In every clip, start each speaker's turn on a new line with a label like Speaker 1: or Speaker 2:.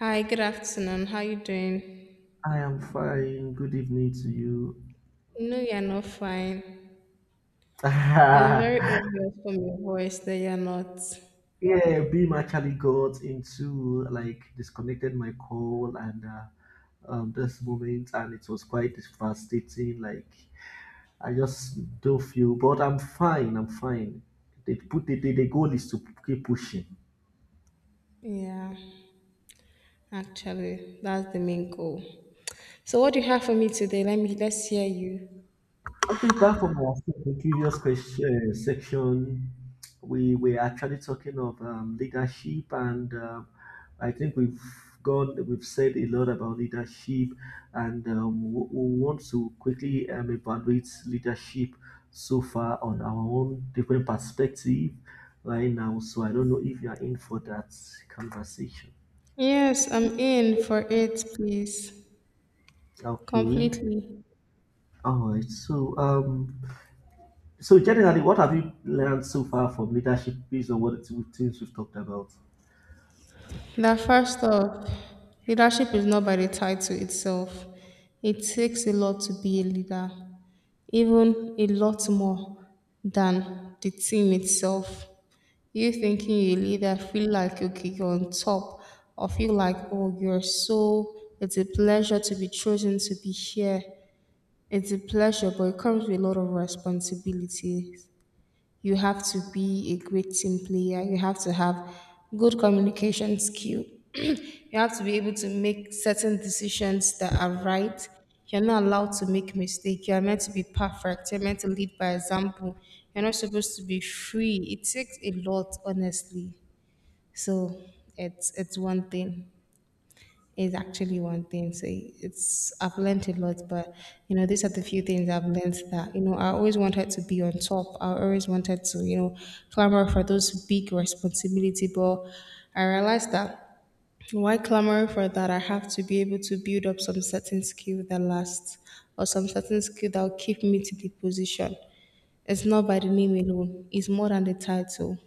Speaker 1: Hi, good afternoon. How you doing?
Speaker 2: I am fine. Good evening to you.
Speaker 1: No, you're not fine. It's very
Speaker 2: yeah,
Speaker 1: obvious from your voice that you're not.
Speaker 2: Beam actually got into like disconnected my call and this moment, and it was quite devastating. Like I just don't feel, but I'm fine. I'm fine. They put the goal is to keep pushing.
Speaker 1: Yeah, actually, that's the main goal. So what do you have for me today? Let's hear you.
Speaker 2: Okay, back from our previous question, section, we were actually talking of leadership, and I think we've said a lot about leadership, and we want to quickly evaluate leadership so far on our own different perspective right now. So I don't know if you are in for that conversation.
Speaker 1: Yes, I'm in for it, please.
Speaker 2: Okay,
Speaker 1: Completely.
Speaker 2: all right. So generally, what have you learned so far from leadership based on what the things we've talked about?
Speaker 1: Now, first off, leadership is not by the title itself. It takes a lot to be a leader, even a lot more than the team itself. You thinking you leader feel like okay you're on top or feel like oh you're so it's a pleasure to be chosen to be here. It's a pleasure but it comes with a lot of responsibilities. You have to be a great team player. You have to have good communication skill. You have to be able to make certain decisions that are right. You're not allowed to make mistakes. You're meant to be perfect. You're meant to lead by example. You're not supposed to be free. It takes a lot, honestly. So it's one thing. It's actually one thing. So it's I've learned a lot, but you know, these are the few things I've learned that, you know, I always wanted to be on top. I always wanted to, you know, clamor for those big responsibility, but I realized that why clamor for that? I have to be able to build up some certain skill that lasts or some certain skill that will keep me to the position. It's not by the name alone, it's more than the title.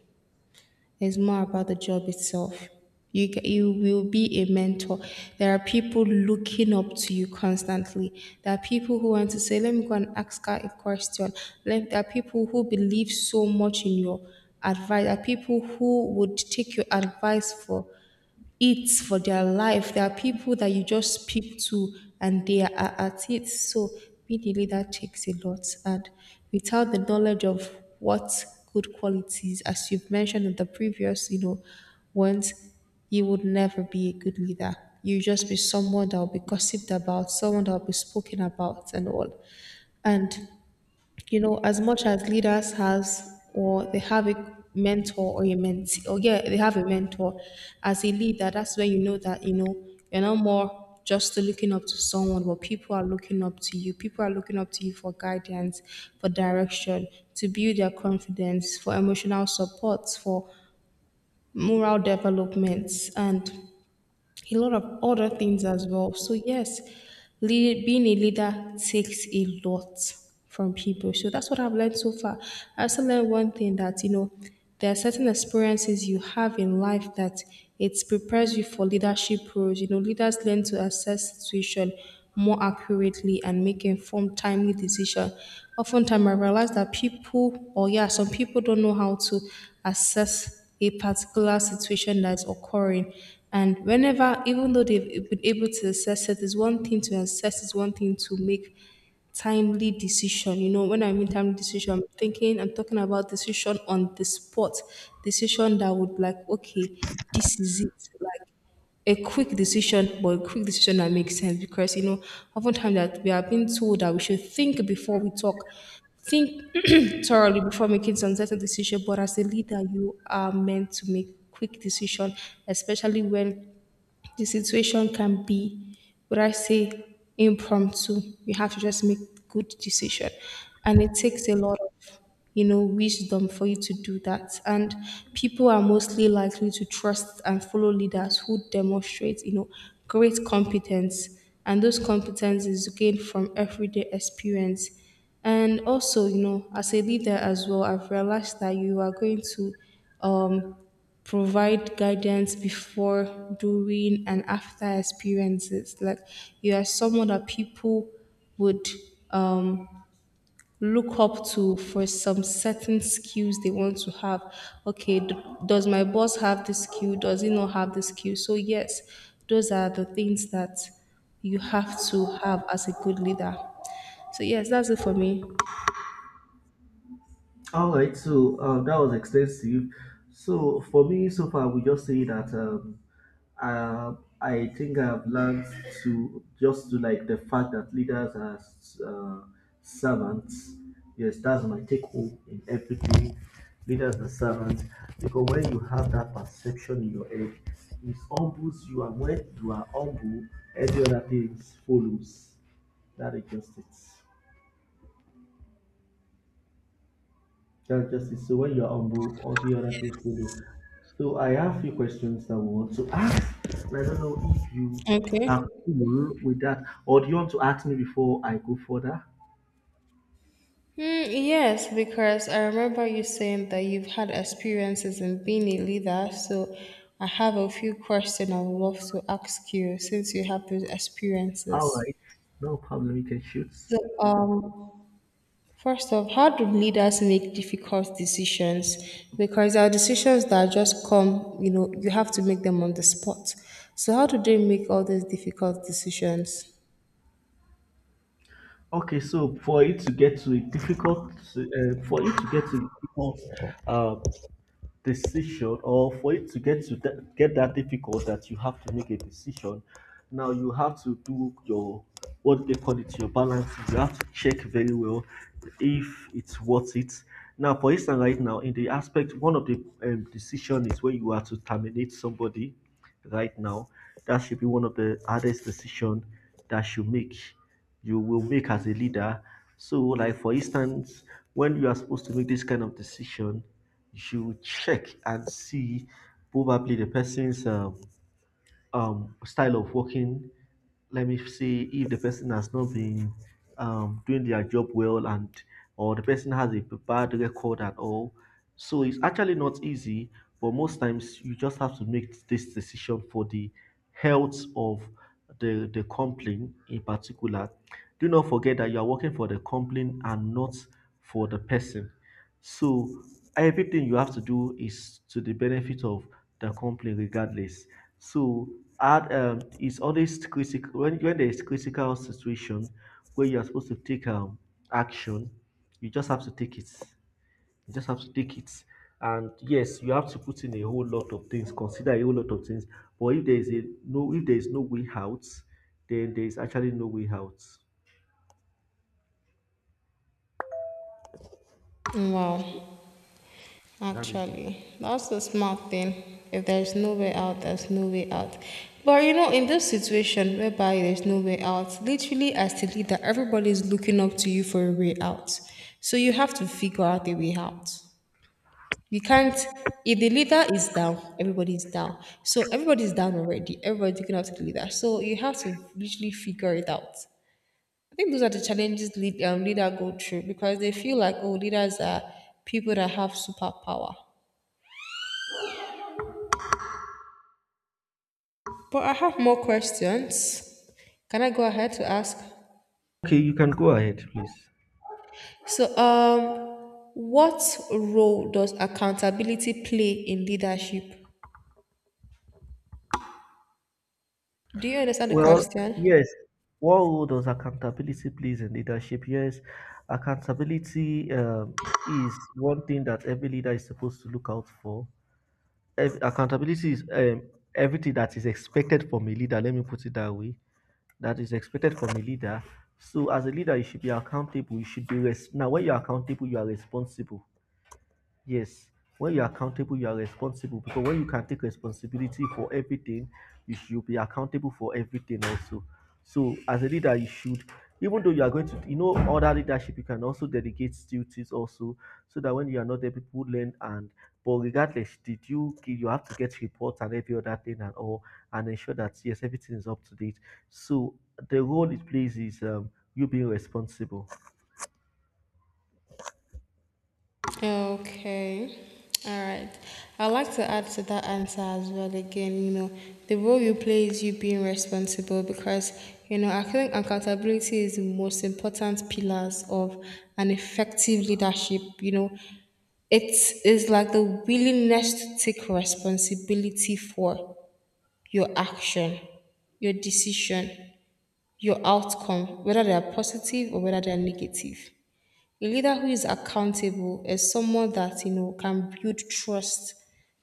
Speaker 1: It's more about the job itself. You will be a mentor. There are people looking up to you constantly. There are people who want to say, let me go and ask her a question. There are people who believe so much in your advice. There are people who would take your advice for it for their life. There are people that you just speak to and they are at it. So being a leader takes a lot. And without the knowledge of what good qualities, as you've mentioned in the previous, you know, ones, you would never be a good leader. You just be someone that will be gossiped about, someone that will be spoken about and all. And you know, as much as leaders has or they have a mentor or a mentee, or yeah, they have a mentor as a leader, that's where you know that, you know, you're not more just looking up to someone, but people are looking up to you. People are looking up to you for guidance, for direction, to build their confidence, for emotional support, for moral development. And a lot of other things as well. So yes, being a leader takes a lot from people. So that's what I've learned so far. I also learned one thing that you know there are certain experiences you have in life that it prepares you for leadership roles. You know, leaders learn to assess situation more accurately and make informed, timely decision. Oftentimes, I realize that people, or yeah, some people don't know how to assess a particular situation that's occurring. And whenever, even though they've been able to assess it, it's one thing to assess, it's one thing to make timely decision. You know, when I mean timely decision, I'm talking about decision on the spot, decision that would like, okay, this is it. Like a quick decision, but a quick decision that makes sense because you know, oftentimes that we are being told that we should think before we talk, think thoroughly before making some certain decision. But as a leader, you are meant to make quick decision, especially when the situation can be, would I say, impromptu. You have to just make good decision, and it takes a lot of, you know, wisdom for you to do that. And people are mostly likely to trust and follow leaders who demonstrate, you know, great competence, and those competence is gained from everyday experience. And also, you know, as a leader as well, I've realized that you are going to um, provide guidance before, during, and after experiences. Like you are someone that people would um, look up to for some certain skills they want to have. Okay, d- does my boss have this skill? Does he not have this skill? So, yes, those are the things that you have to have as a good leader. So, yes, that's it for me.
Speaker 2: All right, so that was extensive. So for me, so far, we just say that uh, I think I've learned to like the fact that leaders are uh, servants. Yes, that's my take home in everything. Leaders are servants because when you have that perception in your head, it humbles you, and when you are humble, every other thing follows. That is just it. Just justice, so when you are humble, all the other things will be. So I have few questions I want to ask. And I don't know if you
Speaker 1: Okay.
Speaker 2: are cool with that, or do you want to ask me before I go further?
Speaker 1: Hmm, yes, because I remember you saying that you've had experiences in being a leader. So I have a few questions I would love to ask you since you have those
Speaker 2: All
Speaker 1: experiences.
Speaker 2: right, no problem. You can shoot.
Speaker 1: So, first off, how do leaders make difficult decisions? Because there are decisions that just come, you know, you have to make them on the spot. So, how do they make all these difficult decisions?
Speaker 2: Okay, so for you to get to a difficult uh, decision, or for it to get to that, get that difficult that you have to make a decision now, you have to do your, what they call it, your balance. You have to check very well if it's worth it. Now for instance, right now in the aspect, one of the decision is when you are to terminate somebody right now, that should be one of the hardest decisions that you make. You will make as a leader. So, like for instance, when you are supposed to make this kind of decision, you check and see probably the person's style of working. Let me see if the person has not been doing their job well, and or the person has a bad record at all. So it's actually not easy, but most times you just have to make this decision for the health of the company in particular. Do not forget that you are working for the company and not for the person. So everything you have to do is to the benefit of the company, regardless. So add it's always critical, when there is critical situation where you are supposed to take action, you just have to take it. You just have to take it. And yes, you have to put in a whole lot of things, consider a whole lot of things. But if there is a if there is no way out, then there is actually no way out. So
Speaker 1: Wow.
Speaker 2: that is it.
Speaker 1: Actually, that's the smart thing. If there's no way out, there's no way out. But you know, in this situation whereby there's no way out, literally as the leader, everybody's looking up to you for a way out. So you have to figure out a way out. You can't if the leader is down, everybody's down. So everybody's down already. Everybody's looking up to the leader. So you have to literally figure it out. I think those are the challenges leader go through because they feel like oh leaders are people that have superpower. But I have more questions. Can I go ahead to ask?
Speaker 2: Okay, you can go ahead, please.
Speaker 1: So, what role does accountability play in leadership? Do you understand the
Speaker 2: Well,
Speaker 1: question?
Speaker 2: yes. What role does accountability plays in leadership? Yes, accountability is one thing that every leader is supposed to look out for. Accountability is everything that is expected from a leader. Let me put it that way. That is expected from a leader. So, as a leader, you should be accountable. You should be res- now. When you're accountable, you are responsible. Yes, when you're accountable, you are responsible, because when you can take responsibility for everything, you should be accountable for everything also. So, as a leader, you should, even though you are going to, you know, other leadership, you can also delegate duties also, so that when you are not there, people learn. And but regardless, you have to get reports and every other thing and all, and ensure that yes, everything is up to date. So the role it plays is you being responsible.
Speaker 1: Okay. All right. I'd like to add to that answer as well again, you know, the role you play is you being responsible because, you know, I think accountability is the most important pillars of an effective leadership, you know. It is like the willingness to take responsibility for your action, your decision, your outcome, whether they are positive or whether they are negative. A leader who is accountable is someone that you know can build trust,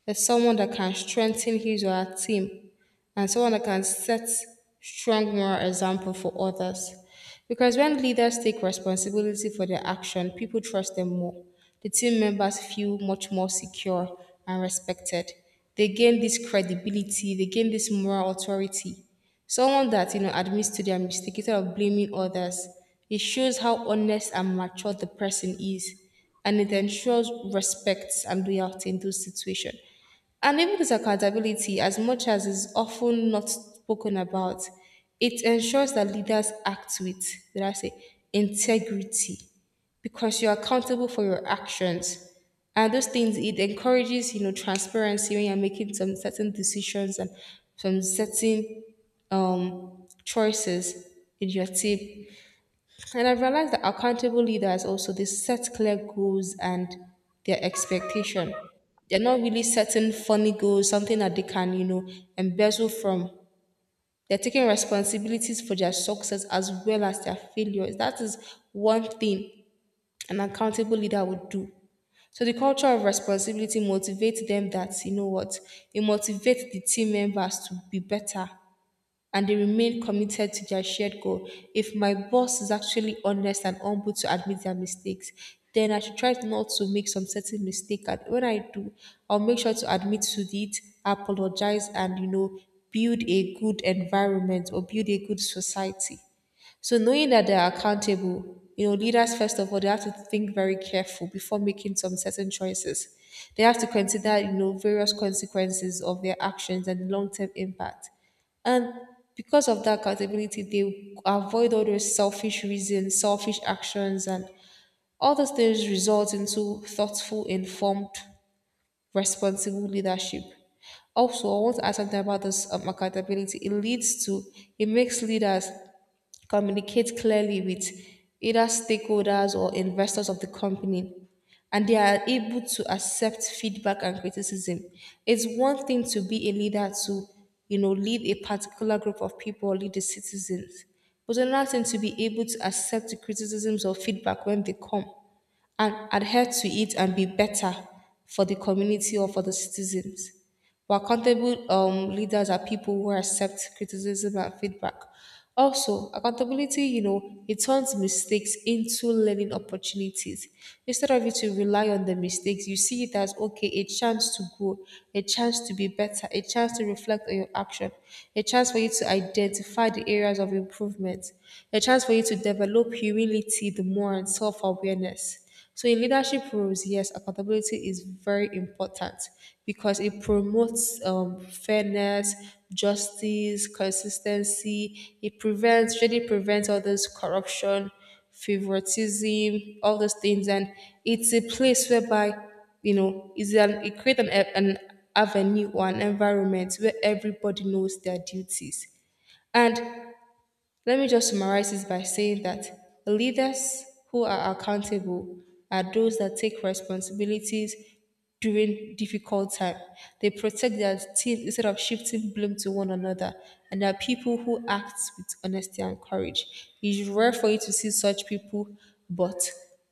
Speaker 1: is someone that can strengthen his or her team and someone that can set strong moral example for others. Because when leaders take responsibility for their action, people trust them more. The team members feel much more secure and respected. They gain this credibility, they gain this moral authority. Someone that you know admits to their mistake instead of blaming others. It shows how honest and mature the person is, and it ensures respect and loyalty in those situations. And even this accountability, as much as is often not spoken about, it ensures that leaders act with, did I say, integrity, because you're accountable for your actions. And those things, it encourages, you know, transparency when you're making some certain decisions and some certain choices in your team. And I've realized that accountable leaders also they set clear goals and their expectation. They're not really setting funny goals, something that they can, you know, embezzle from. They're taking responsibilities for their success as well as their failures. That is one thing an accountable leader would do. So the culture of responsibility motivates them that you know what it motivates the team members to be better and they remain committed to their shared goal. If my boss is actually honest and humble to admit their mistakes, then I should try not to make some certain mistake. And when I do, I'll make sure to admit to it, apologize, and you know, build a good environment or build a good society. So knowing that they are accountable, you know, leaders first of all they have to think very careful before making some certain choices. They have to consider, you know, various consequences of their actions and long-term impact. And because of that accountability, they avoid all those selfish reasons, selfish actions, and all those things result into thoughtful, informed, responsible leadership. Also, I want to add something about this accountability. It leads to, it makes leaders communicate clearly with either stakeholders or investors of the company, and they are able to accept feedback and criticism. It's one thing to be a leader to, you know, lead a particular group of people or lead the citizens, but another thing to be able to accept the criticisms or feedback when they come and adhere to it and be better for the community or for the citizens. But accountable leaders are people who accept criticism and feedback. Also, accountability, you know, it turns mistakes into learning opportunities. Instead of you to rely on the mistakes, you see it as okay, a chance to grow, a chance to be better, a chance to reflect on your action, a chance for you to identify the areas of improvement, a chance for you to develop humility, the more and self awareness. So in leadership roles, yes, accountability is very important because it promotes fairness, justice, consistency. It prevents, really prevents all this corruption, favoritism, all those things, and it's a place whereby you know it's an it creates an avenue or an environment where everybody knows their duties. And let me just summarize this by saying that the leaders who are accountable are those that take responsibilities during difficult time. They protect their team instead of shifting blame to one another, and there are people who act with honesty and courage. It is rare for you to see such people, but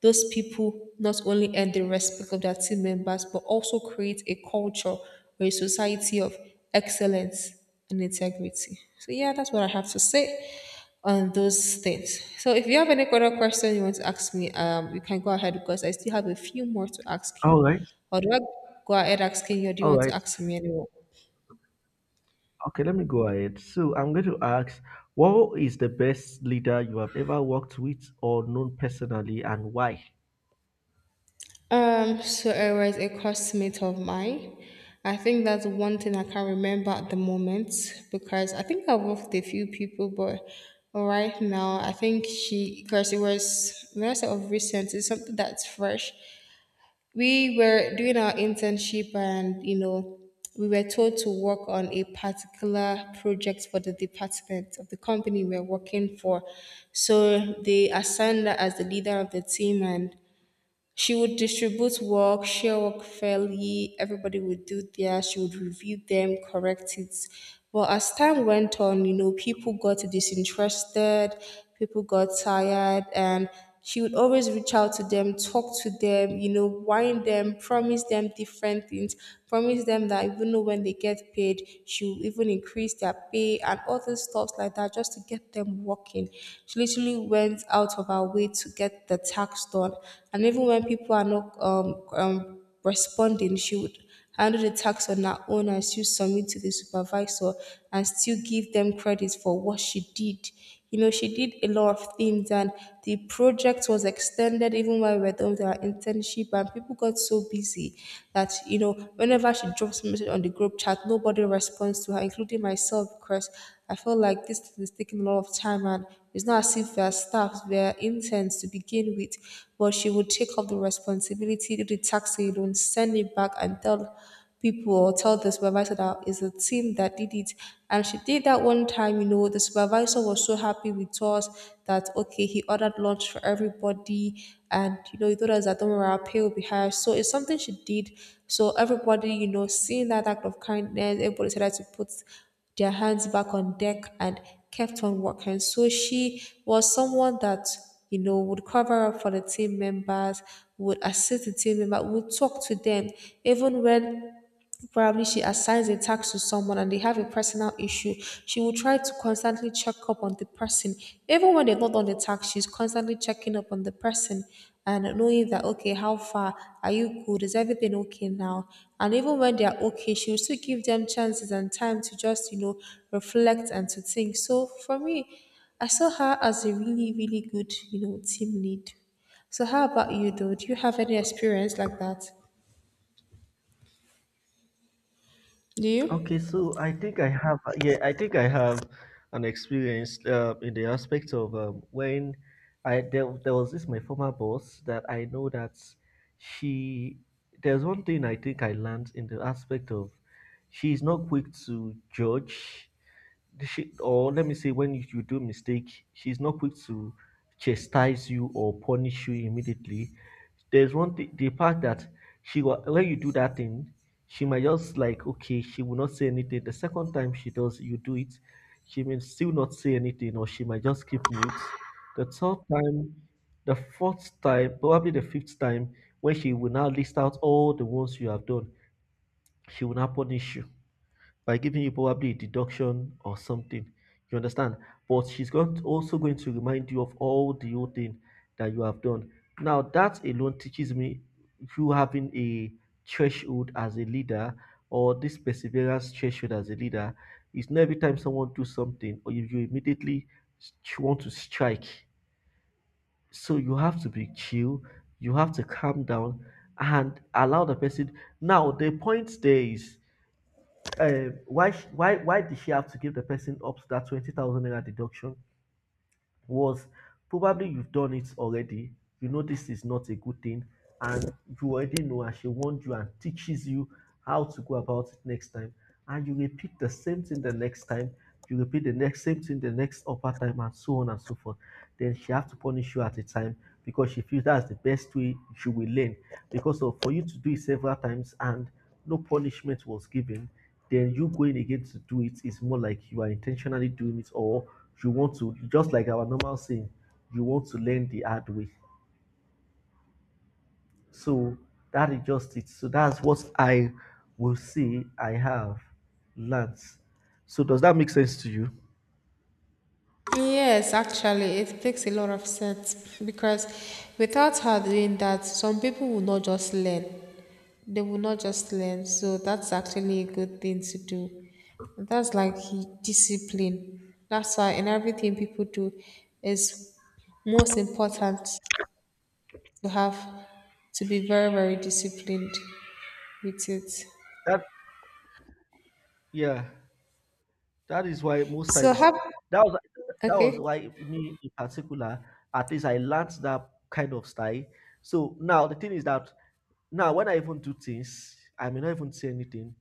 Speaker 1: those people not only earn the respect of their team members but also create a culture or a society of excellence and integrity. So yeah, that's what I have to say on those things. So if you have any other question you want to ask me, you can go ahead because I still have a few more to ask you.
Speaker 2: All right,
Speaker 1: Or do I go ahead asking you, or do you
Speaker 2: all
Speaker 1: want to
Speaker 2: right.
Speaker 1: ask me anymore?
Speaker 2: Okay, let me go ahead. So I'm going to ask, what is the best leader you have ever worked with or known personally, and why?
Speaker 1: So it was a classmate of mine. I think that's one thing I can remember at the moment because I think I've worked with a few people, but right now I think she, because it was, when I say of recent, it's something that's fresh. We were doing our internship, and you know, we were told to work on a particular project for the department of the company we are working for. So they assigned her as the leader of the team, and she would distribute work, share work fairly, everybody would do their, she would review them, correct it. But as time went on, you know, people got disinterested, people got tired, and she would always reach out to them, talk to them, you know, whine them, promise them different things, promise them that even though when they get paid, she'll even increase their pay and all those stuff like that just to get them working. She literally went out of her way to get the tax done. And even when people are not responding, she would handle the tax on her own and still submit to the supervisor and still give them credit for what she did. You know, she did a lot of things, and the project was extended even while we were done with our internship, and people got so busy that, you know, whenever she drops a message on the group chat, nobody responds to her, including myself, because I felt like this thing is taking a lot of time, and it's not as if we are staff, we are interns to begin with. But she would take up the responsibility, do the tax alone, send it back and tell people, or tell the supervisor that it's a team that did it. And she did that one time, you know, the supervisor was so happy with us that, okay, he ordered lunch for everybody. And, you know, he told us that don't worry, our pay will be higher. So it's something she did. So everybody, you know, seeing that act of kindness, everybody decided to put their hands back on deck and kept on working. So she was someone that, you know, would cover up for the team members, would assist the team member, would talk to them, even when probably she assigns a task to someone and they have a personal issue. She will try to constantly check up on the person. Even when they're not on the task, she's constantly checking up on the person and knowing that, okay, how far, are you good? Is everything okay now? And even when they are okay, she will still give them chances and time to just, you know, reflect and to think. So for me, I saw her as a really, really good, you know, team lead. So how about you though? Do you have any experience like that? Do you?
Speaker 2: Okay, so I think I have an experience in the aspect of when I, there was this my former boss that I know that she there's one thing I think I learned in the aspect of, she's not quick to judge or let me say when you do mistake, she's not quick to chastise you or punish you immediately. There's one thing, the part that when you do that thing, she might just like, okay, she will not say anything. The second time she does you do it, she may still not say anything, or she might just keep mute. The third time, the fourth time, probably the fifth time, when she will now list out all the ones you have done, she will now punish you by giving you probably a deduction or something. You understand? But she's going to, also going to remind you of all the old thing that you have done. Now that alone teaches me, you having a threshold as a leader, or this perseverance threshold as a leader, is not every time someone do something or if you immediately s- want to strike. So you have to be chill, you have to calm down and allow the person. Now the point there is, why did she have to give the person up to that 20,000 naira deduction? Was probably you've done it already. You know this is not a good thing, and you already know, and she warned you and teaches you how to go about it next time, and you repeat the same thing the next time, you repeat the next same thing the next upper time, and so on and so forth. Then she have to punish you at a time because she feels that's the best way you will learn. Because of, for you to do it several times and no punishment was given, then you going again to do it is more like you are intentionally doing it, or you want to just, like our normal saying, you want to learn the hard way. So that is just it. So that's what I will say I have learned. So does that make sense to you?
Speaker 1: Yes, actually, it makes a lot of sense because without her doing that, some people will not just learn. They will not just learn. So that's actually a good thing to do. That's like discipline. That's why in everything people do is most important to have, to be very, very disciplined with it.
Speaker 2: that yeah That is why most
Speaker 1: So
Speaker 2: times
Speaker 1: have,
Speaker 2: that was that was
Speaker 1: okay.
Speaker 2: why me in particular, at least I learned that kind of style. So now the thing is that now when I even do things, I may not even say anything.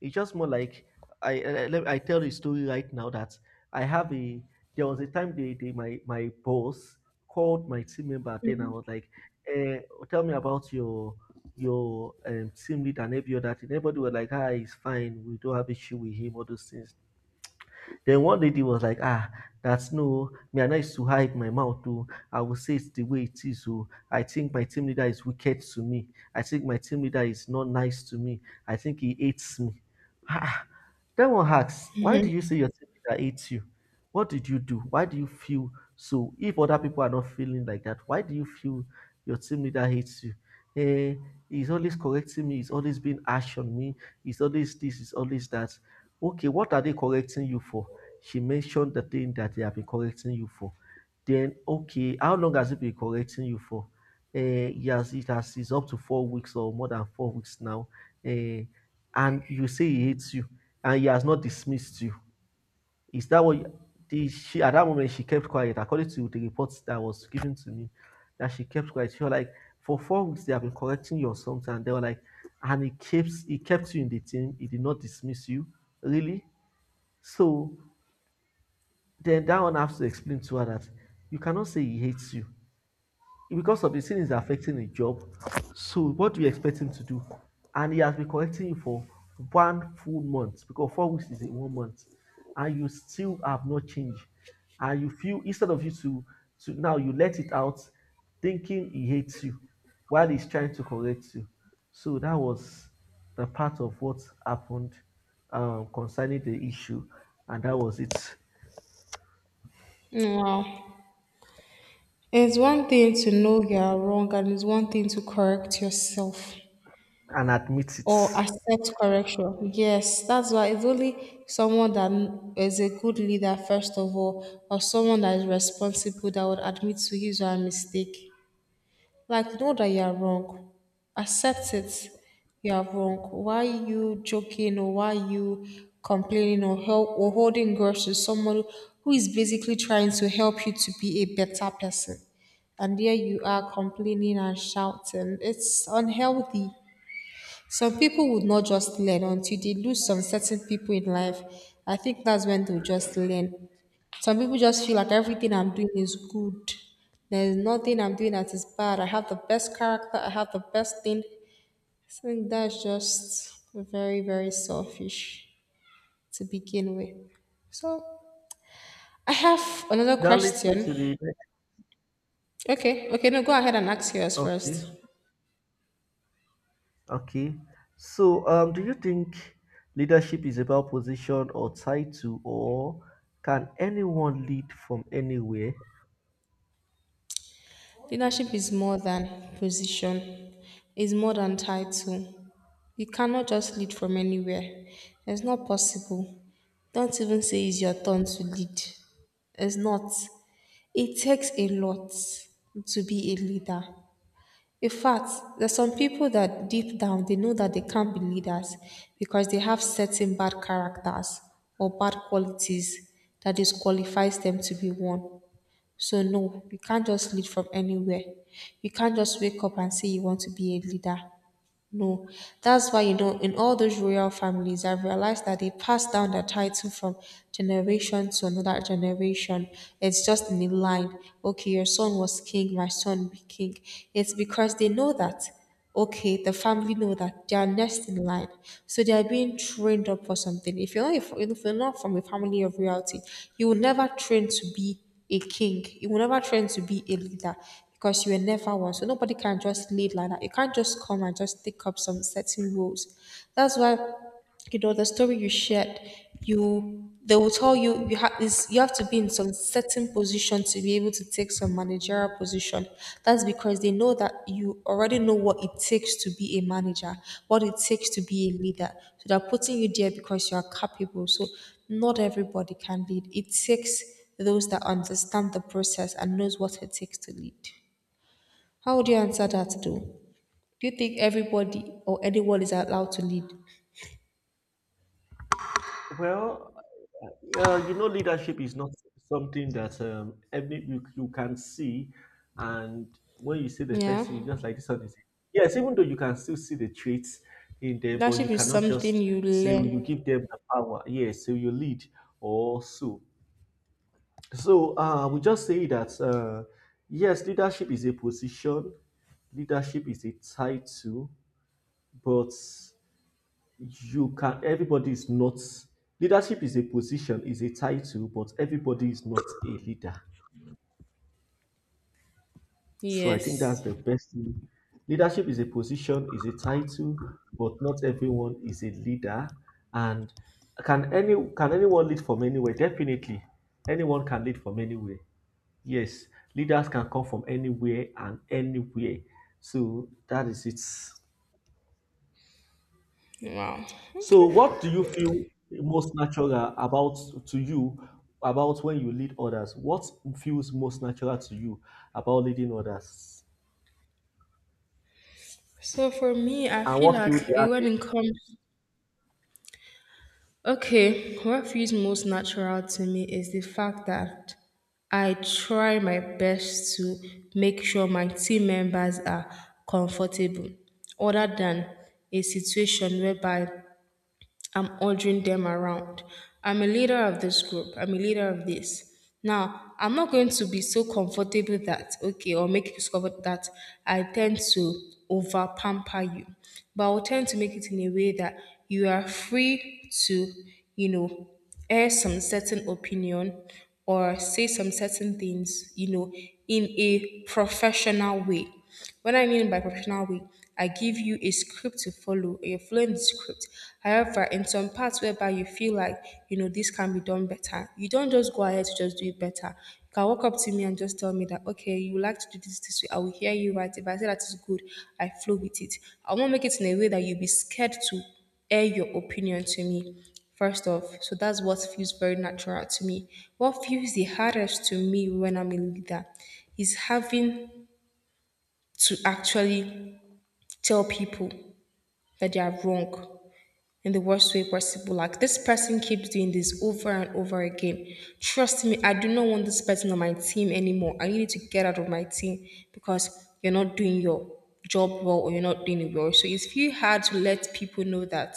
Speaker 2: It's just more like let- I tell the story right now that I have a, there was a time they, my boss called my team member, then I was like, eh, tell me about your team lead and every other thing. Everybody was like, ah, he's fine. We don't have issue with him. All those things. Then one lady was like, ah, that's no, me, and I know to hide my mouth, too. I will say it's the way it is, oh. I think my team leader is wicked to me. I think my team leader is not nice to me. I think he hates me. Ah, then one asks, why do you say your team leader hates you? What did you do? Why do you feel so? If other people are not feeling like that, why do you feel your team leader hates you? Eh, he's always correcting me. He's always being harsh on me. He's always this. He's always that. Okay, what are they correcting you for? She mentioned the thing that they have been correcting you for. Then, okay, how long has it been correcting you for? Yes, it has. It's up to four weeks or more than four weeks now. Uh, and you say he hates you, and he has not dismissed you. Is that what? She at that moment she kept quiet. According to the reports that was given to me, that she kept quiet. She was like, for four weeks they have been correcting you or something. And they were like, and he kept you in the team. He did not dismiss you, really. So then that one has to explain to her that you cannot say he hates you because of the sin is affecting his job. So what do you expect him to do? And he has been correcting you for one full month, because four weeks is in one month, and you still have not changed. And you feel, instead of you to now you let it out, thinking he hates you while he's trying to correct you. So that was the part of what happened concerning the issue, and that was it.
Speaker 1: Wow. It's one thing to know you are wrong and it's one thing to correct yourself.
Speaker 2: And admit it.
Speaker 1: Or accept correction. Yes, that's why it's only someone that is a good leader, first of all, or someone that is responsible that would admit to his or her mistake. Like, know that you are wrong, accept it. You are wrong. Why are you joking, or why are you complaining or help or holding grudge to someone who is basically trying to help you to be a better person? And there you are complaining and shouting. It's unhealthy. Some people would not just learn until they lose some certain people in life. I think that's when they'll just learn. Some people just feel like everything I'm doing is good. There's nothing I'm doing that is bad. I have the best character. I have the best thing. I think that's just very, very selfish to begin with. So I have another
Speaker 2: That leads me to the
Speaker 1: question.
Speaker 2: next.
Speaker 1: Okay, okay, no, go ahead and ask yours
Speaker 2: Okay,
Speaker 1: first.
Speaker 2: okay. So, do you think leadership is about position or title, or can anyone lead from anywhere?
Speaker 1: Leadership is more than position, it's more than title. You cannot just lead from anywhere. It's not possible. Don't even say it's your turn to lead. It's not. It takes a lot to be a leader. In fact, there's some people that deep down they know that they can't be leaders because they have certain bad characters or bad qualities that disqualifies them to be one. So no, you can't just lead from anywhere. You can't just wake up and say you want to be a leader. No. That's why, you know, in all those royal families, I've realized that they pass down the title from generation to another generation. It's just in a line. Okay, your son was king, my son be king. It's because they know that. Okay, the family know that they are next in line, so they are being trained up for something. If you're not, if you're not from a family of royalty, you will never train to be a king. You will never train to be a leader because you were never one. So nobody can just lead like that. You can't just come and just take up some certain rules. That's why, you know, the story you shared, you they will tell you you have is, you have to be in some certain position to be able to take some managerial position. That's because they know that you already know what it takes to be a manager, what it takes to be a leader. So they're putting you there because you are capable. So not everybody can lead. It takes those that understand the process and knows what it takes to lead. How would you answer that though? Do you think everybody or anyone is allowed to lead?
Speaker 2: Well, you know, leadership is not something that every you, you can see, and when you see the
Speaker 1: Yeah.
Speaker 2: person, you just like this one is. Yes, even though you can still see the traits in them, but
Speaker 1: Leadership
Speaker 2: you
Speaker 1: is
Speaker 2: cannot
Speaker 1: something
Speaker 2: just
Speaker 1: you
Speaker 2: so you
Speaker 1: learn.
Speaker 2: give them the power. Yes, so you lead or so. So we just say that yes, leadership is a position, leadership is a title, but you can. Everybody is not. Leadership is a position, is a title, but everybody is not a leader. So I think that's
Speaker 1: Yes.
Speaker 2: the best. Thing. Leadership is a position, is a title, but not everyone is a leader. And can anyone lead from anywhere? Definitely, anyone can lead from anywhere. Yes, leaders can come from anywhere and anywhere. So that is it.
Speaker 1: Wow.
Speaker 2: So
Speaker 1: Okay.
Speaker 2: what do you feel most natural about to you about when you lead others? What feels most natural to you about leading others?
Speaker 1: So for me, I
Speaker 2: And
Speaker 1: feel
Speaker 2: what
Speaker 1: like
Speaker 2: feel the
Speaker 1: it- when
Speaker 2: hardest?
Speaker 1: it comes, okay, what feels most natural to me is the fact that I try my best to make sure my team members are comfortable, other than a situation whereby I'm ordering them around. I'm a leader of this group. I'm a leader of this. Now, I'm not going to be so comfortable that, okay, or make you discover that I tend to over pamper you. But I will tend to make it in a way that you are free to, you know, air some certain opinion or say some certain things, you know, in a professional way. When I mean by professional way, I give you a script to follow, or you're following the script. However, in some parts whereby you feel like, you know, this can be done better, you don't just go ahead to just do it better. You can walk up to me and just tell me that, okay, you would like to do this this way. I will hear you right. If I say that is good, I flow with it. I won't make it in a way that you'll be scared to air your opinion to me first off. So that's what feels very natural to me. What feels the hardest to me when I'm a leader is having to actually tell people that they are wrong in the worst way possible. Like this person keeps doing this over and over again. Trust me, I do not want this person on my team anymore. I need to get out of my team because you're not doing your job well or you're not doing it well. So it's very hard to let people know that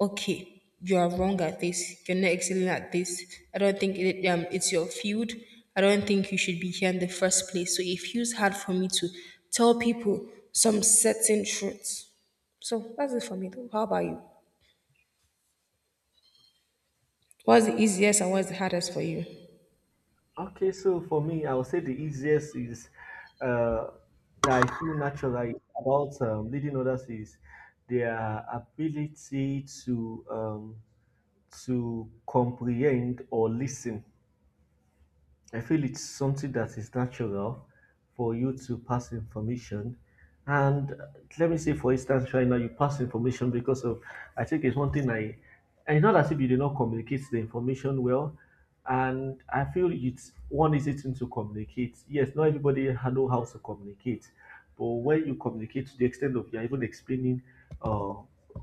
Speaker 1: okay, you are wrong at this. You're not excelling at this. I don't think it, it's your field. I don't think you should be here in the first place. So it feels hard for me to tell people some certain truths. So that's it for me, though. How about you? What's the easiest and what's the hardest for you?
Speaker 2: Okay, so for me, I would say the easiest is uh, that I feel natural is about leading others is their ability to um, to comprehend or listen. I feel it's something that is natural for you to pass information. And let me say, for instance, right now you pass information I think it's one thing I, and it's not as if you did not communicate the information well. And I feel it's one easy thing to communicate. Yes, not everybody know how to communicate, but when you communicate to the extent of you're even explaining uh,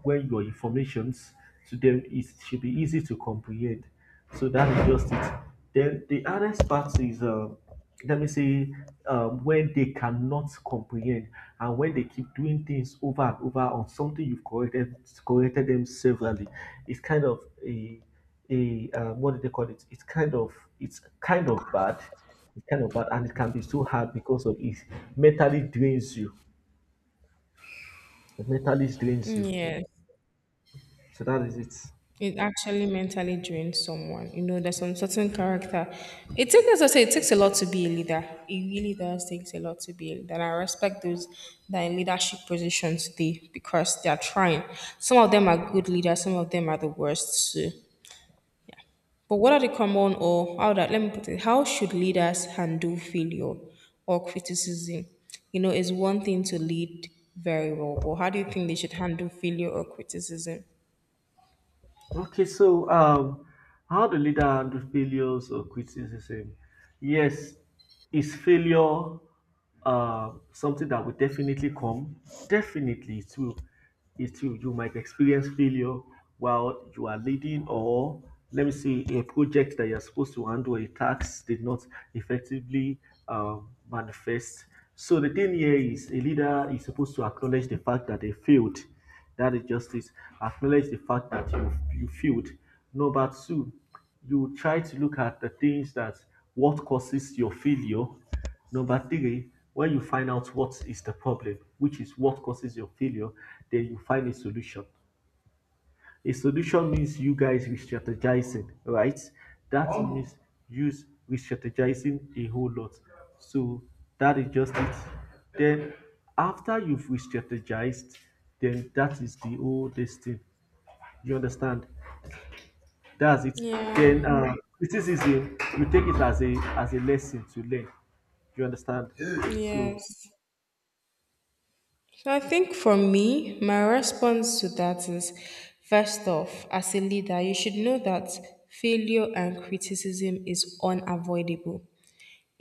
Speaker 2: where your informations to them, it should be easy to comprehend. So that is just it. Then the hardest part is, let me say, when they cannot comprehend and when they keep doing things over and over on something you've corrected them severally. It's kind of a a what do they call it? It's kind of bad. It's kind of bad, and it can be so hard because of it mentally drains you. It mentally drains
Speaker 1: Mm,
Speaker 2: you.
Speaker 1: yeah.
Speaker 2: So that is it.
Speaker 1: It actually mentally drains someone. You know, there's some certain character. It takes, as I say, it takes a lot to be a leader. It really does takes a lot to be a leader. And I respect those that are in leadership positions today because they are trying. Some of them are good leaders, some of them are the worst too. But what are the common or how that let me put it, how should leaders handle failure or criticism? You know, it's one thing to lead very well, but how do you think they should handle failure or criticism?
Speaker 2: Okay, so how the leader handle failures or criticism? Yes, is failure something that will definitely come? Definitely, it will. It will. You might experience failure while you are leading, or let me see, a project that you're supposed to handle, a task did not effectively manifest. So the thing here is, a leader is supposed to acknowledge the fact that they failed that is justice. Acknowledge the fact that you failed. Number two, you try to look at the things that what causes your failure. Number three, when you find out what is the problem, which is what causes your failure, then you find a solution. A solution means you guys re-strategizing, right? That oh. means use re-strategizing a whole lot. So that is just it. Then after you've re-strategized, then that is the oldest thing. You understand? That's it.
Speaker 1: Yeah.
Speaker 2: Then criticism, you take it as a lesson to learn. You understand? So
Speaker 1: Yes. So I think for me, my response to that is first off, as a leader, you should know that failure and criticism is unavoidable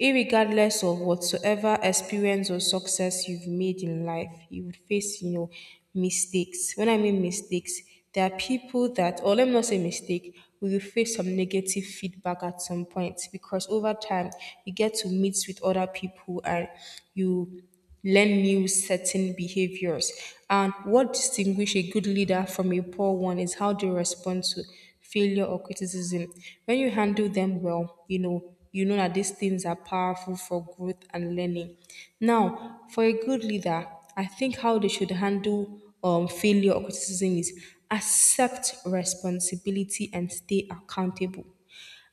Speaker 1: irregardless of whatsoever experience or success you've made in life, you would face, you know, mistakes. When I mean mistakes, there are people that, or let me not say mistake, we will face some negative feedback at some point because over time you get to meet with other people and you learn new certain behaviors. And what distinguishes a good leader from a poor one is how they respond to failure or criticism. When you handle them well, you know that these things are powerful for growth and learning. Now, for a good leader, I think how they should handle failure or criticism is accept responsibility and stay accountable.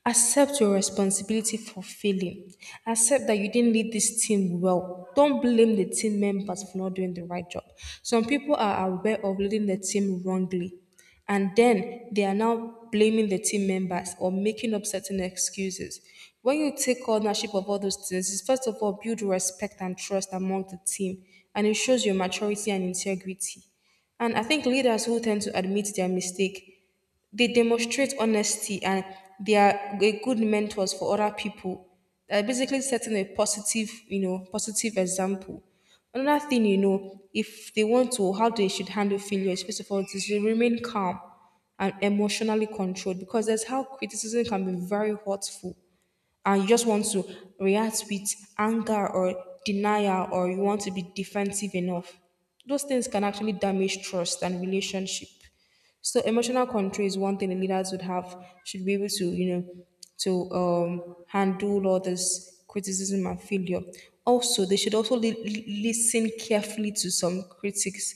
Speaker 1: Accept your responsibility for failing. Accept that you didn't lead this team well. Don't blame the team members for not doing the right job. Some people are aware of leading the team wrongly, and then they are now blaming the team members or making up certain excuses. When you take ownership of all those things, it's first of all build respect and trust among the team, and it shows your maturity and integrity. And I think leaders who tend to admit their mistake they demonstrate honesty and they are a good mentors for other people. They're basically setting a positive, you know, positive example. Another thing, you know, if they want to, how they should handle failures, first of all, is to remain calm and emotionally controlled because that's how criticism can be very hurtful and you just want to react with anger or denial or you want to be defensive enough. Those things can actually damage trust and relationship. So emotional control is one thing the leaders would have should be able to, you know, to handle all this criticism and failure. Also, they should also listen carefully to some critics.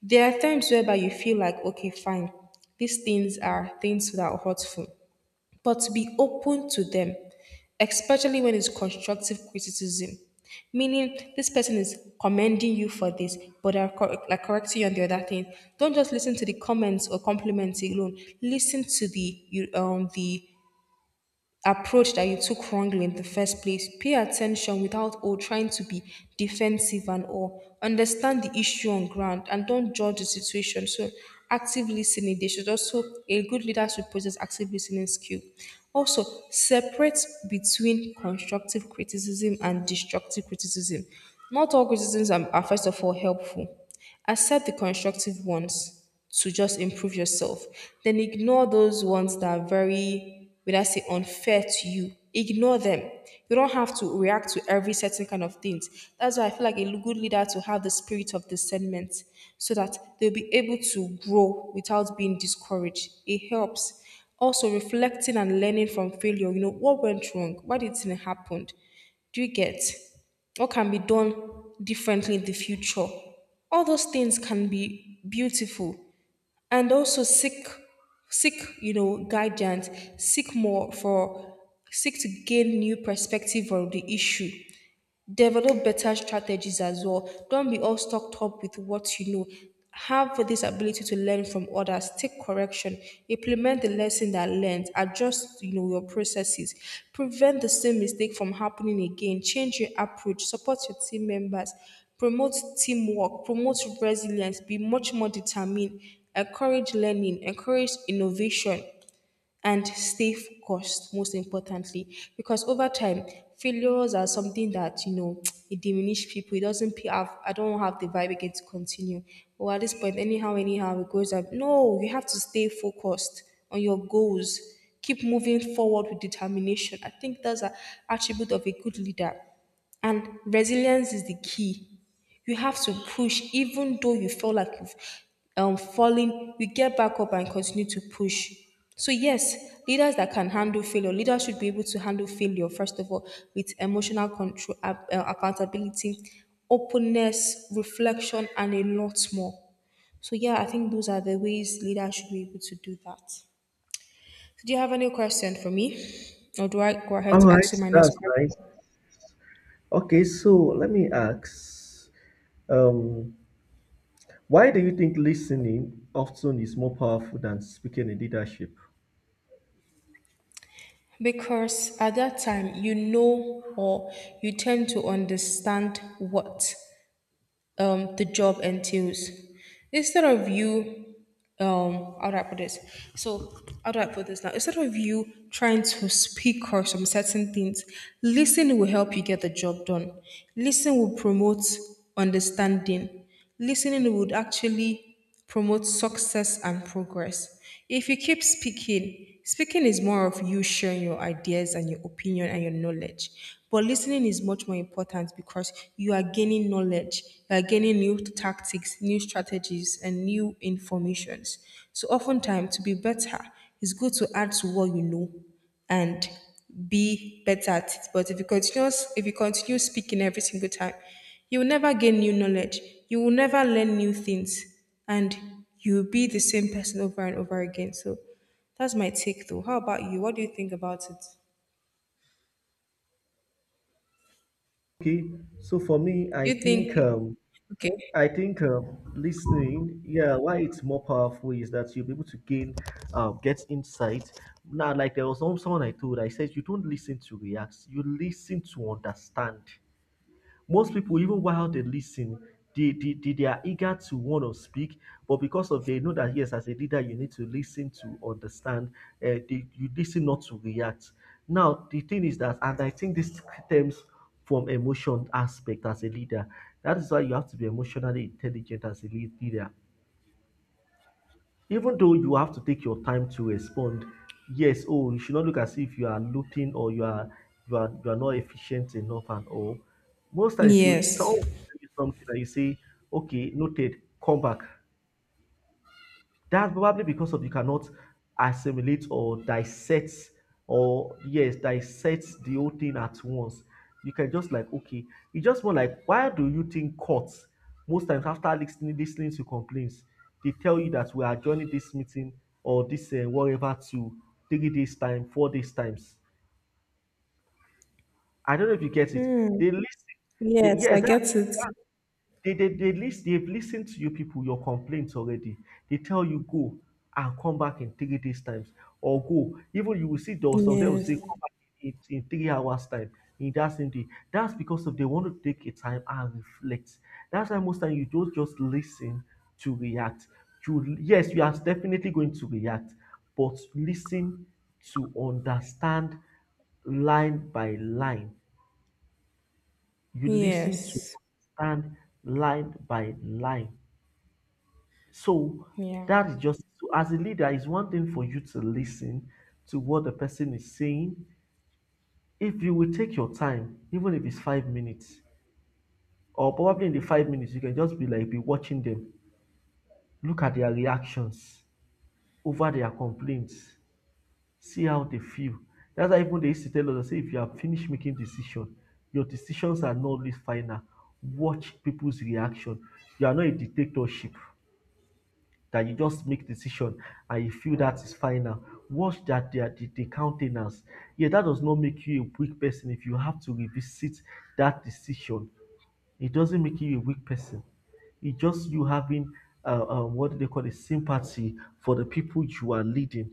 Speaker 1: There are times whereby you feel like, okay, fine, these things are things that are hurtful but to be open to them, especially when it's constructive criticism. Meaning, this person is commending you for this, but they're like correcting you on the other thing. Don't just listen to the comments or compliments alone. Listen to the approach that you took wrongly in the first place. Pay attention without or trying to be defensive and all. Understand the issue on ground and don't judge the situation. So active listening, they should also a good leader should possess active listening skill. Also, separate between constructive criticism and destructive criticism. Not all criticisms are first of all helpful. Accept the constructive ones to just improve yourself. Then ignore those ones that are very, would I say, unfair to you. Ignore them. You don't have to react to every certain kind of things. That's why I feel like a good leader to have the spirit of discernment so that they'll be able to grow without being discouraged. It helps. Also reflecting and learning from failure. You know, what went wrong? Why did it happen? Do you get what can be done differently in the future? All those things can be beautiful and also seek seek you know guidance seek more for seek to gain new perspective on the issue develop better strategies as well. Don't be all stocked up with what you know. Have this ability to learn from others, take correction, implement the lesson that learned, adjust you know your processes, prevent the same mistake from happening again, change your approach, support your team members, promote teamwork, promote resilience, be much more determined, encourage learning, encourage innovation, and stay focused most importantly because over time failures are something that you know it diminishes people, it doesn't pay off, I don't have the vibe again to continue or at this point, anyhow it goes up, no, you have to stay focused on your goals, keep moving forward with determination. I think that's an attribute of a good leader, and resilience is the key. You have to push, even though you feel like you've fallen, you get back up and continue to push. So, yes, leaders that can handle failure, leaders should be able to handle failure, first of all, with emotional control, accountability, openness, reflection, and a lot more. So, yeah, I think those are the ways leaders should be able to do that. So do you have any question for me? Or do I go ahead
Speaker 2: all
Speaker 1: to
Speaker 2: right,
Speaker 1: ask you my next
Speaker 2: that's nice.
Speaker 1: question?
Speaker 2: Okay, so let me ask. Um, Why do you think listening often is more powerful than speaking in leadership?
Speaker 1: Because at that time, you know or you tend to understand what the job entails. Instead of you, how do I put this? So, how do I put this now? Instead of you trying to speak or some certain things, listening will help you get the job done. Listening will promote understanding. Listening would actually promote success and progress. If you keep speaking, speaking is more of you sharing your ideas and your opinion and your knowledge. But listening is much more important because you are gaining knowledge, you are gaining new tactics, new strategies, and new informations. So oftentimes to be better, it's good to add to what you know and be better at it. But if you continue speaking every single time, you will never gain new knowledge. You will never learn new things, and you'll be the same person over and over again. So that's my take, though. How about you? What do you think about it?
Speaker 2: Okay, so for me,
Speaker 1: Do you think? Okay.
Speaker 2: I think listening, yeah, why it's more powerful is that you'll be able to gain, get insight. Now, like there was someone I told, I said you don't listen to react, you listen to understand. Most people, even while they listen, they are eager to want to speak, but because of they know that yes, as a leader, you need to listen to understand. You listen not to react. Now the thing is that, and I think this stems from emotion aspect as a leader. That is why you have to be emotionally intelligent as a leader even though you have to take your time to respond yes oh you should not look as if you are looping or you are not efficient enough and all most times you someone
Speaker 1: Yes.
Speaker 2: will tell you something and you say okay noted come back that's probably because of you cannot assimilate or dissect or yes, dissect the whole thing at once. You can just like okay, it's just more like why do you think courts most times after listening to complaints, they tell you that we are joining this meeting or this whatever to 3 days time, 4 days times. I don't know if you get it.
Speaker 1: Hmm.
Speaker 2: They listen. They,
Speaker 1: Yes, I
Speaker 2: yes, that
Speaker 1: get it.
Speaker 2: they list, they've listened to you people, your complaints already. They tell you go and come back in 3 days' times or go. Even you will see there was some they will say
Speaker 1: Yes.
Speaker 2: come back in 3 hours' time in that same day. That's because of they want to take a time and reflect. That's why most time you don't just listen to react. You yes, you are definitely going to react, but listen to understand line by line. You listen to
Speaker 1: Yes.
Speaker 2: understand line by line. So
Speaker 1: Yeah.
Speaker 2: that is just so as a leader, it's one thing for you to listen to what the person is saying. If you will take your time, even if it's 5 minutes, or probably in the 5 minutes, you can just be like be watching them, look at their reactions over their complaints, see how they feel. That's why even they used to tell us, say, if you have finished making decision, your decisions are not always final. Watch people's reaction. You are not a dictatorship. That you just make decision and you feel that is final. Watch that the countenance. Yeah, that does not make you a weak person if you have to revisit that decision. It doesn't make you a weak person. It's just you having what do they call it sympathy for the people you are leading.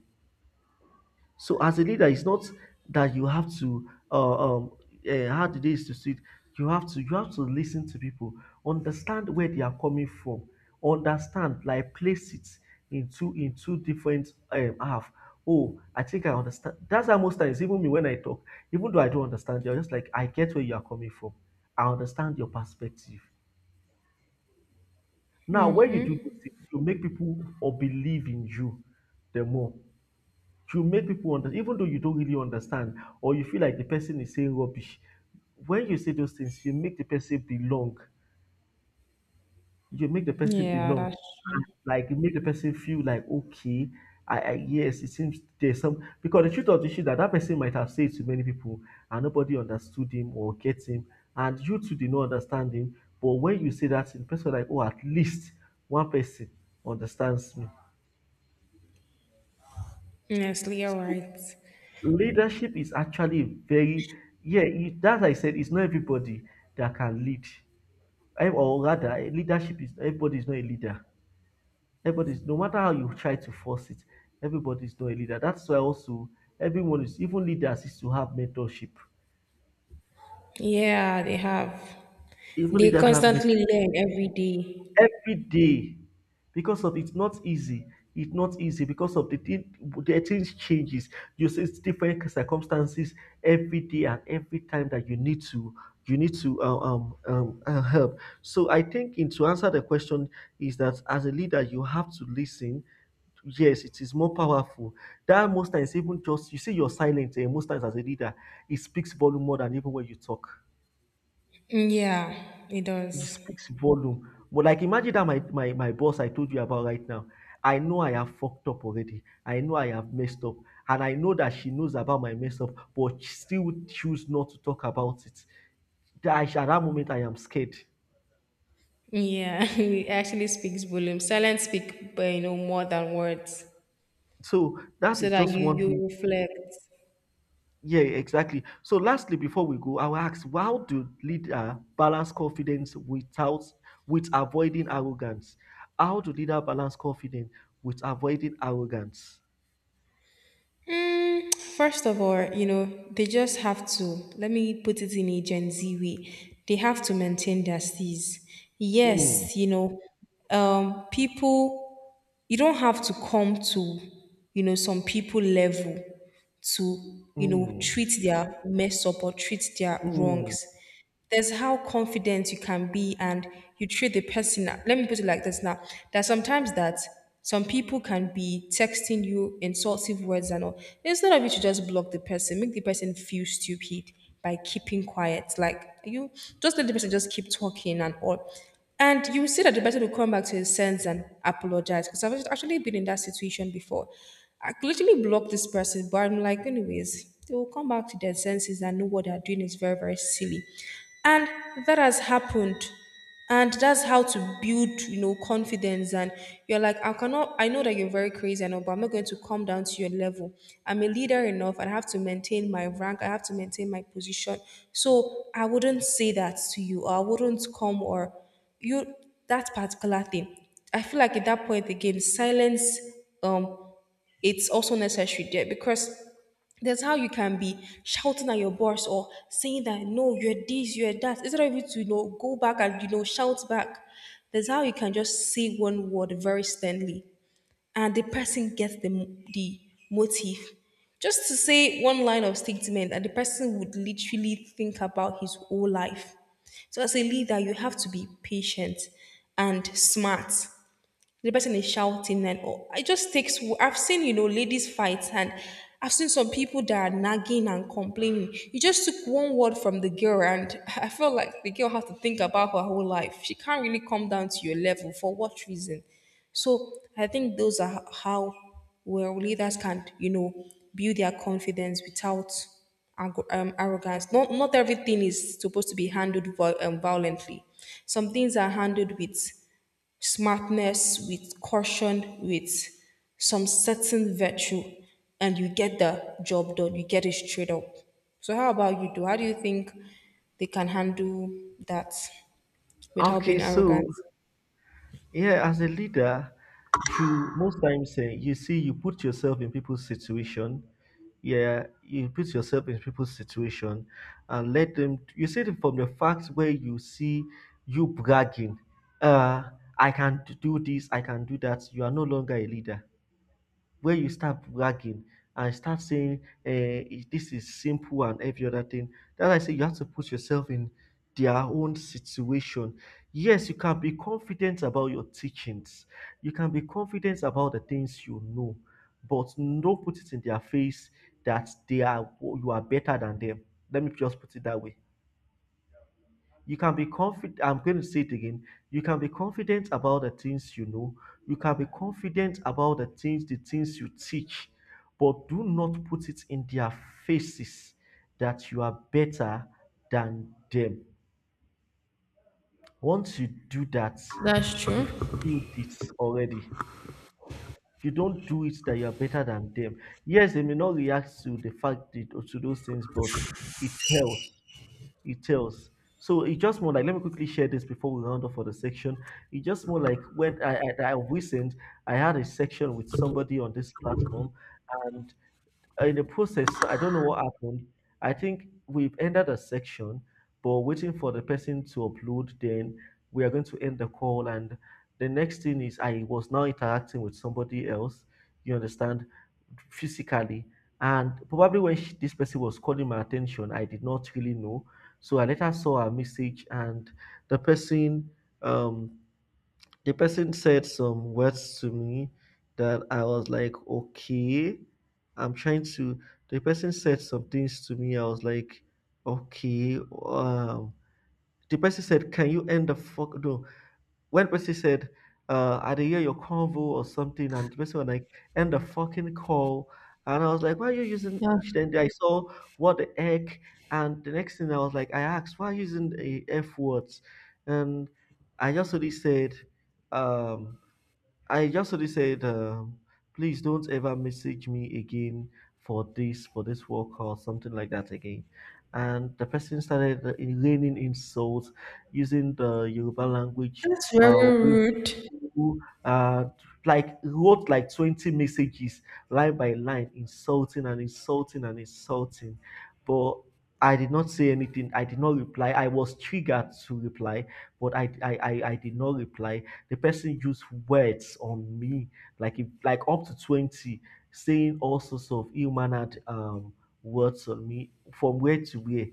Speaker 2: So as a leader, it's not that you have to how the days to sit. You have to listen to people, understand where they are coming from, understand like place it into different half. Oh, I think I understand. That's how most times even me when I talk, even though I don't understand, they're just like I get where you are coming from. I understand your perspective. Now, when you do those things, you make people or believe in you the more you make people understand, even though you don't really understand, or you feel like the person is saying rubbish. When you say those things, you make the person belong. You make the person
Speaker 1: Yeah,
Speaker 2: belong.
Speaker 1: that's true.
Speaker 2: Like you make the person feel like okay, I yes, it seems there's some because the truth of the issue that that person might have said to many people and nobody understood him or get him, and you too did not understand him. But when you say that, the person like oh, at least one person understands me.
Speaker 1: Yes, you're
Speaker 2: So
Speaker 1: right.
Speaker 2: leadership is actually very yeah it, that I said it's not everybody that can lead leadership is everybody is not a leader everybody's no matter how you try to force it everybody's not a leader that's why also everyone is even leaders is to have mentorship
Speaker 1: Yeah, they have.
Speaker 2: even
Speaker 1: They
Speaker 2: leaders have
Speaker 1: constantly learn every day.
Speaker 2: every day because of it's not easy because of the things changes you see it's different circumstances every day and every time that you need to help so I think in to answer the question is that as a leader you have to listen yes it is more powerful that most times even just you see your silence most times as a leader it speaks volume more than even when you talk
Speaker 1: Yeah, it
Speaker 2: it
Speaker 1: does.
Speaker 2: speaks volume. But like imagine that my boss I told you about right now. I know I have fucked up already. I know I have messed up. And I know that she knows about my mess up, but she still choose not to talk about it. That I, at that moment I am scared.
Speaker 1: Yeah, it actually speaks volume. Silence speak, but you know more than words,
Speaker 2: So that
Speaker 1: so
Speaker 2: is
Speaker 1: that
Speaker 2: just
Speaker 1: you
Speaker 2: one
Speaker 1: you
Speaker 2: thing.
Speaker 1: reflect.
Speaker 2: Yeah, exactly. So lastly, before we go, I will ask how do leader balance confidence without with avoiding arrogance? How do leader balance confidence with avoiding arrogance?
Speaker 1: First of all, you know they just have to. Let me put it in a Gen Z way. They have to maintain their C's.
Speaker 2: Mm,
Speaker 1: Yes, you know, people you don't have to come to you know some people level to you know
Speaker 2: mm.
Speaker 1: treat their mess up or treat their
Speaker 2: Hmm.
Speaker 1: wrongs there's how confident you can be and you treat the person let me put it like this now that sometimes that some people can be texting you insultive words and all instead of you to just block the person make the person feel stupid by keeping quiet like you just let the person just keep talking and all and you will see that the person will come back to his sense and apologize. Because I've actually been in that situation before. I literally blocked this person, but I'm like, anyways, they will come back to their senses and know what they're doing is very, very silly. And that has happened. And that's how to build, you know, confidence. And you're like, I cannot, I know that you're very crazy and all, but I'm not going to come down to your level. I'm a leader enough. I have to maintain my rank. I have to maintain my position. So I wouldn't say that to you, or I wouldn't come or you that particular thing. I feel like at that point again, silence um it's also necessary there because that's how you can be shouting at your boss or saying that no, you're this, you're that. Instead of you to you know go back and you know shout back. That's how you can just say one word very sternly and the person gets the motive. Just to say one line of statement, and the person would literally think about his whole life. So as a leader, you have to be patient and smart the person is shouting and all. It just takes. I've seen you know ladies fight and I've seen some people that are nagging and complaining. You just took one word from the girl and I felt like the girl has to think about her whole life. She can't really come down to your level for what reason? So I think those are how where leaders can you know build their confidence without arrogance. Not everything is supposed to be handled violently. Some things are handled with smartness with caution with some certain virtue and you get the job done you get it straight up so how about you do how do you think they can handle that without
Speaker 2: Okay,
Speaker 1: being
Speaker 2: so
Speaker 1: arrogant.
Speaker 2: yeah, as a leader, you most times you see you put yourself in people's situation. Yeah, you put yourself in people's situation and let them. You see it from the facts where you see you bragging. Uh, I can do this. I can do that. You are no longer a leader, where you start bragging and start saying uh, this is simple and every other thing. That's why I say you have to put yourself in their own situation. Yes, you can be confident about your teachings. You can be confident about the things you know, but don't put it in their face that they are you are better than them. Let me just put it that way. You can be confident. I'm going to say it again. You can be confident about the things you know. You can be confident about the things you teach, but do not put it in their faces that you are better than them. Once you do that,
Speaker 1: That's
Speaker 2: you
Speaker 1: true.
Speaker 2: feel it already. You don't do it that you are better than them. Yes, they may not react to to those things, but it helps. It tells. So it's just more like, let me quickly share this before we round off for the section. It's just more like when I recent I had a section with somebody on this platform, and in the process, I don't know what happened. I think we've ended a section, but waiting for the person to upload, then we are going to end the call. And the next thing is, I was now interacting with somebody else, you understand, physically. And probably when this person was calling my attention, I did not really know. So I later saw a message, and the person, um, the person said some words to me that I was like, okay, I'm trying to. The person said some things to me. I was like, okay. Um, the person said, can you end the fuck? No. When person said, I did hear your convo or something, and the person was like, end the fucking call. And I was like, why are you using? Then I saw, what the heck. And the next thing I was like, I asked, why are you using a F words? And I just only said, um, I just only said, please don't ever message me again for this work or something like that again. And the person started raining insults using the Yoruba language.
Speaker 1: That's
Speaker 2: Uh,
Speaker 1: very rude.
Speaker 2: uh, like wrote like 20 messages line by line, insulting and insulting and insulting. But I did not say anything. I did not reply. I was triggered to reply, but I did not reply. The person used words on me, like if, like up to 20, saying all sorts of ill mannered words on me from where to where,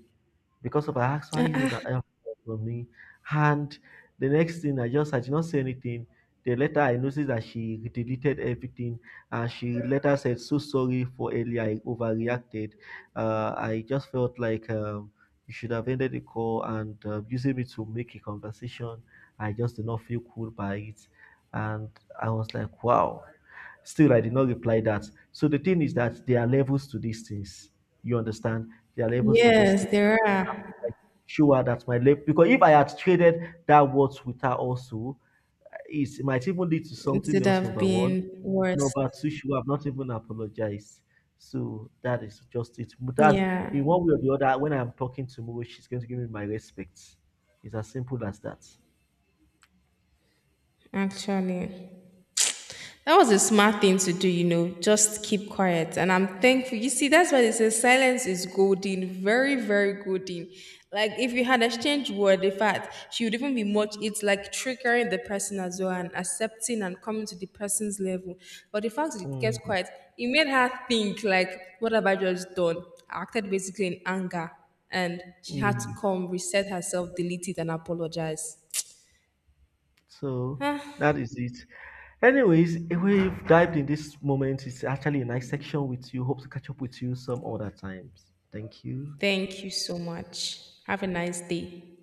Speaker 2: because of I asked why is
Speaker 1: Uh,
Speaker 2: it not help for me? And the next thing, I did not say anything. The later I noticed that she deleted everything and she later said, so sorry for earlier, I overreacted. I just felt like, you should have ended the call and using me to make a conversation. I just did not feel cool by it. And I was like, wow. Still, I did not reply that. So the thing is that there are levels to these things. You understand? There are levels to these
Speaker 1: yes
Speaker 2: things,
Speaker 1: there are.
Speaker 2: like show her that's my left. Because if I had traded that words with her also, it might even lead to
Speaker 1: It
Speaker 2: something
Speaker 1: could
Speaker 2: else.
Speaker 1: have
Speaker 2: Number one,
Speaker 1: been worse.
Speaker 2: number two, she would have not even apologized. So that is just it. But that's
Speaker 1: Yeah,
Speaker 2: in one way or the other. When I'm talking to Mo, she's going to give me my respects. It's as simple as that.
Speaker 1: actually that was a smart thing to do, you know, just keep quiet. And I'm thankful. You see, that's why they say silence is golden, very, very golden. Like if you had exchanged word, in fact, she would even be much, it's like triggering the person as well and accepting and coming to the person's level. But the fact that it kept
Speaker 2: Mm,
Speaker 1: quiet, it made her think like, what have I just done? I acted basically in anger and she had to
Speaker 2: mm.
Speaker 1: come, reset herself, delete it and apologize.
Speaker 2: So
Speaker 1: Ah,
Speaker 2: that is it. Anyways, we've dived in this moment. It's actually a nice section with you. Hope to catch up with you some other times. Thank you.
Speaker 1: thank you so much. Have a nice day.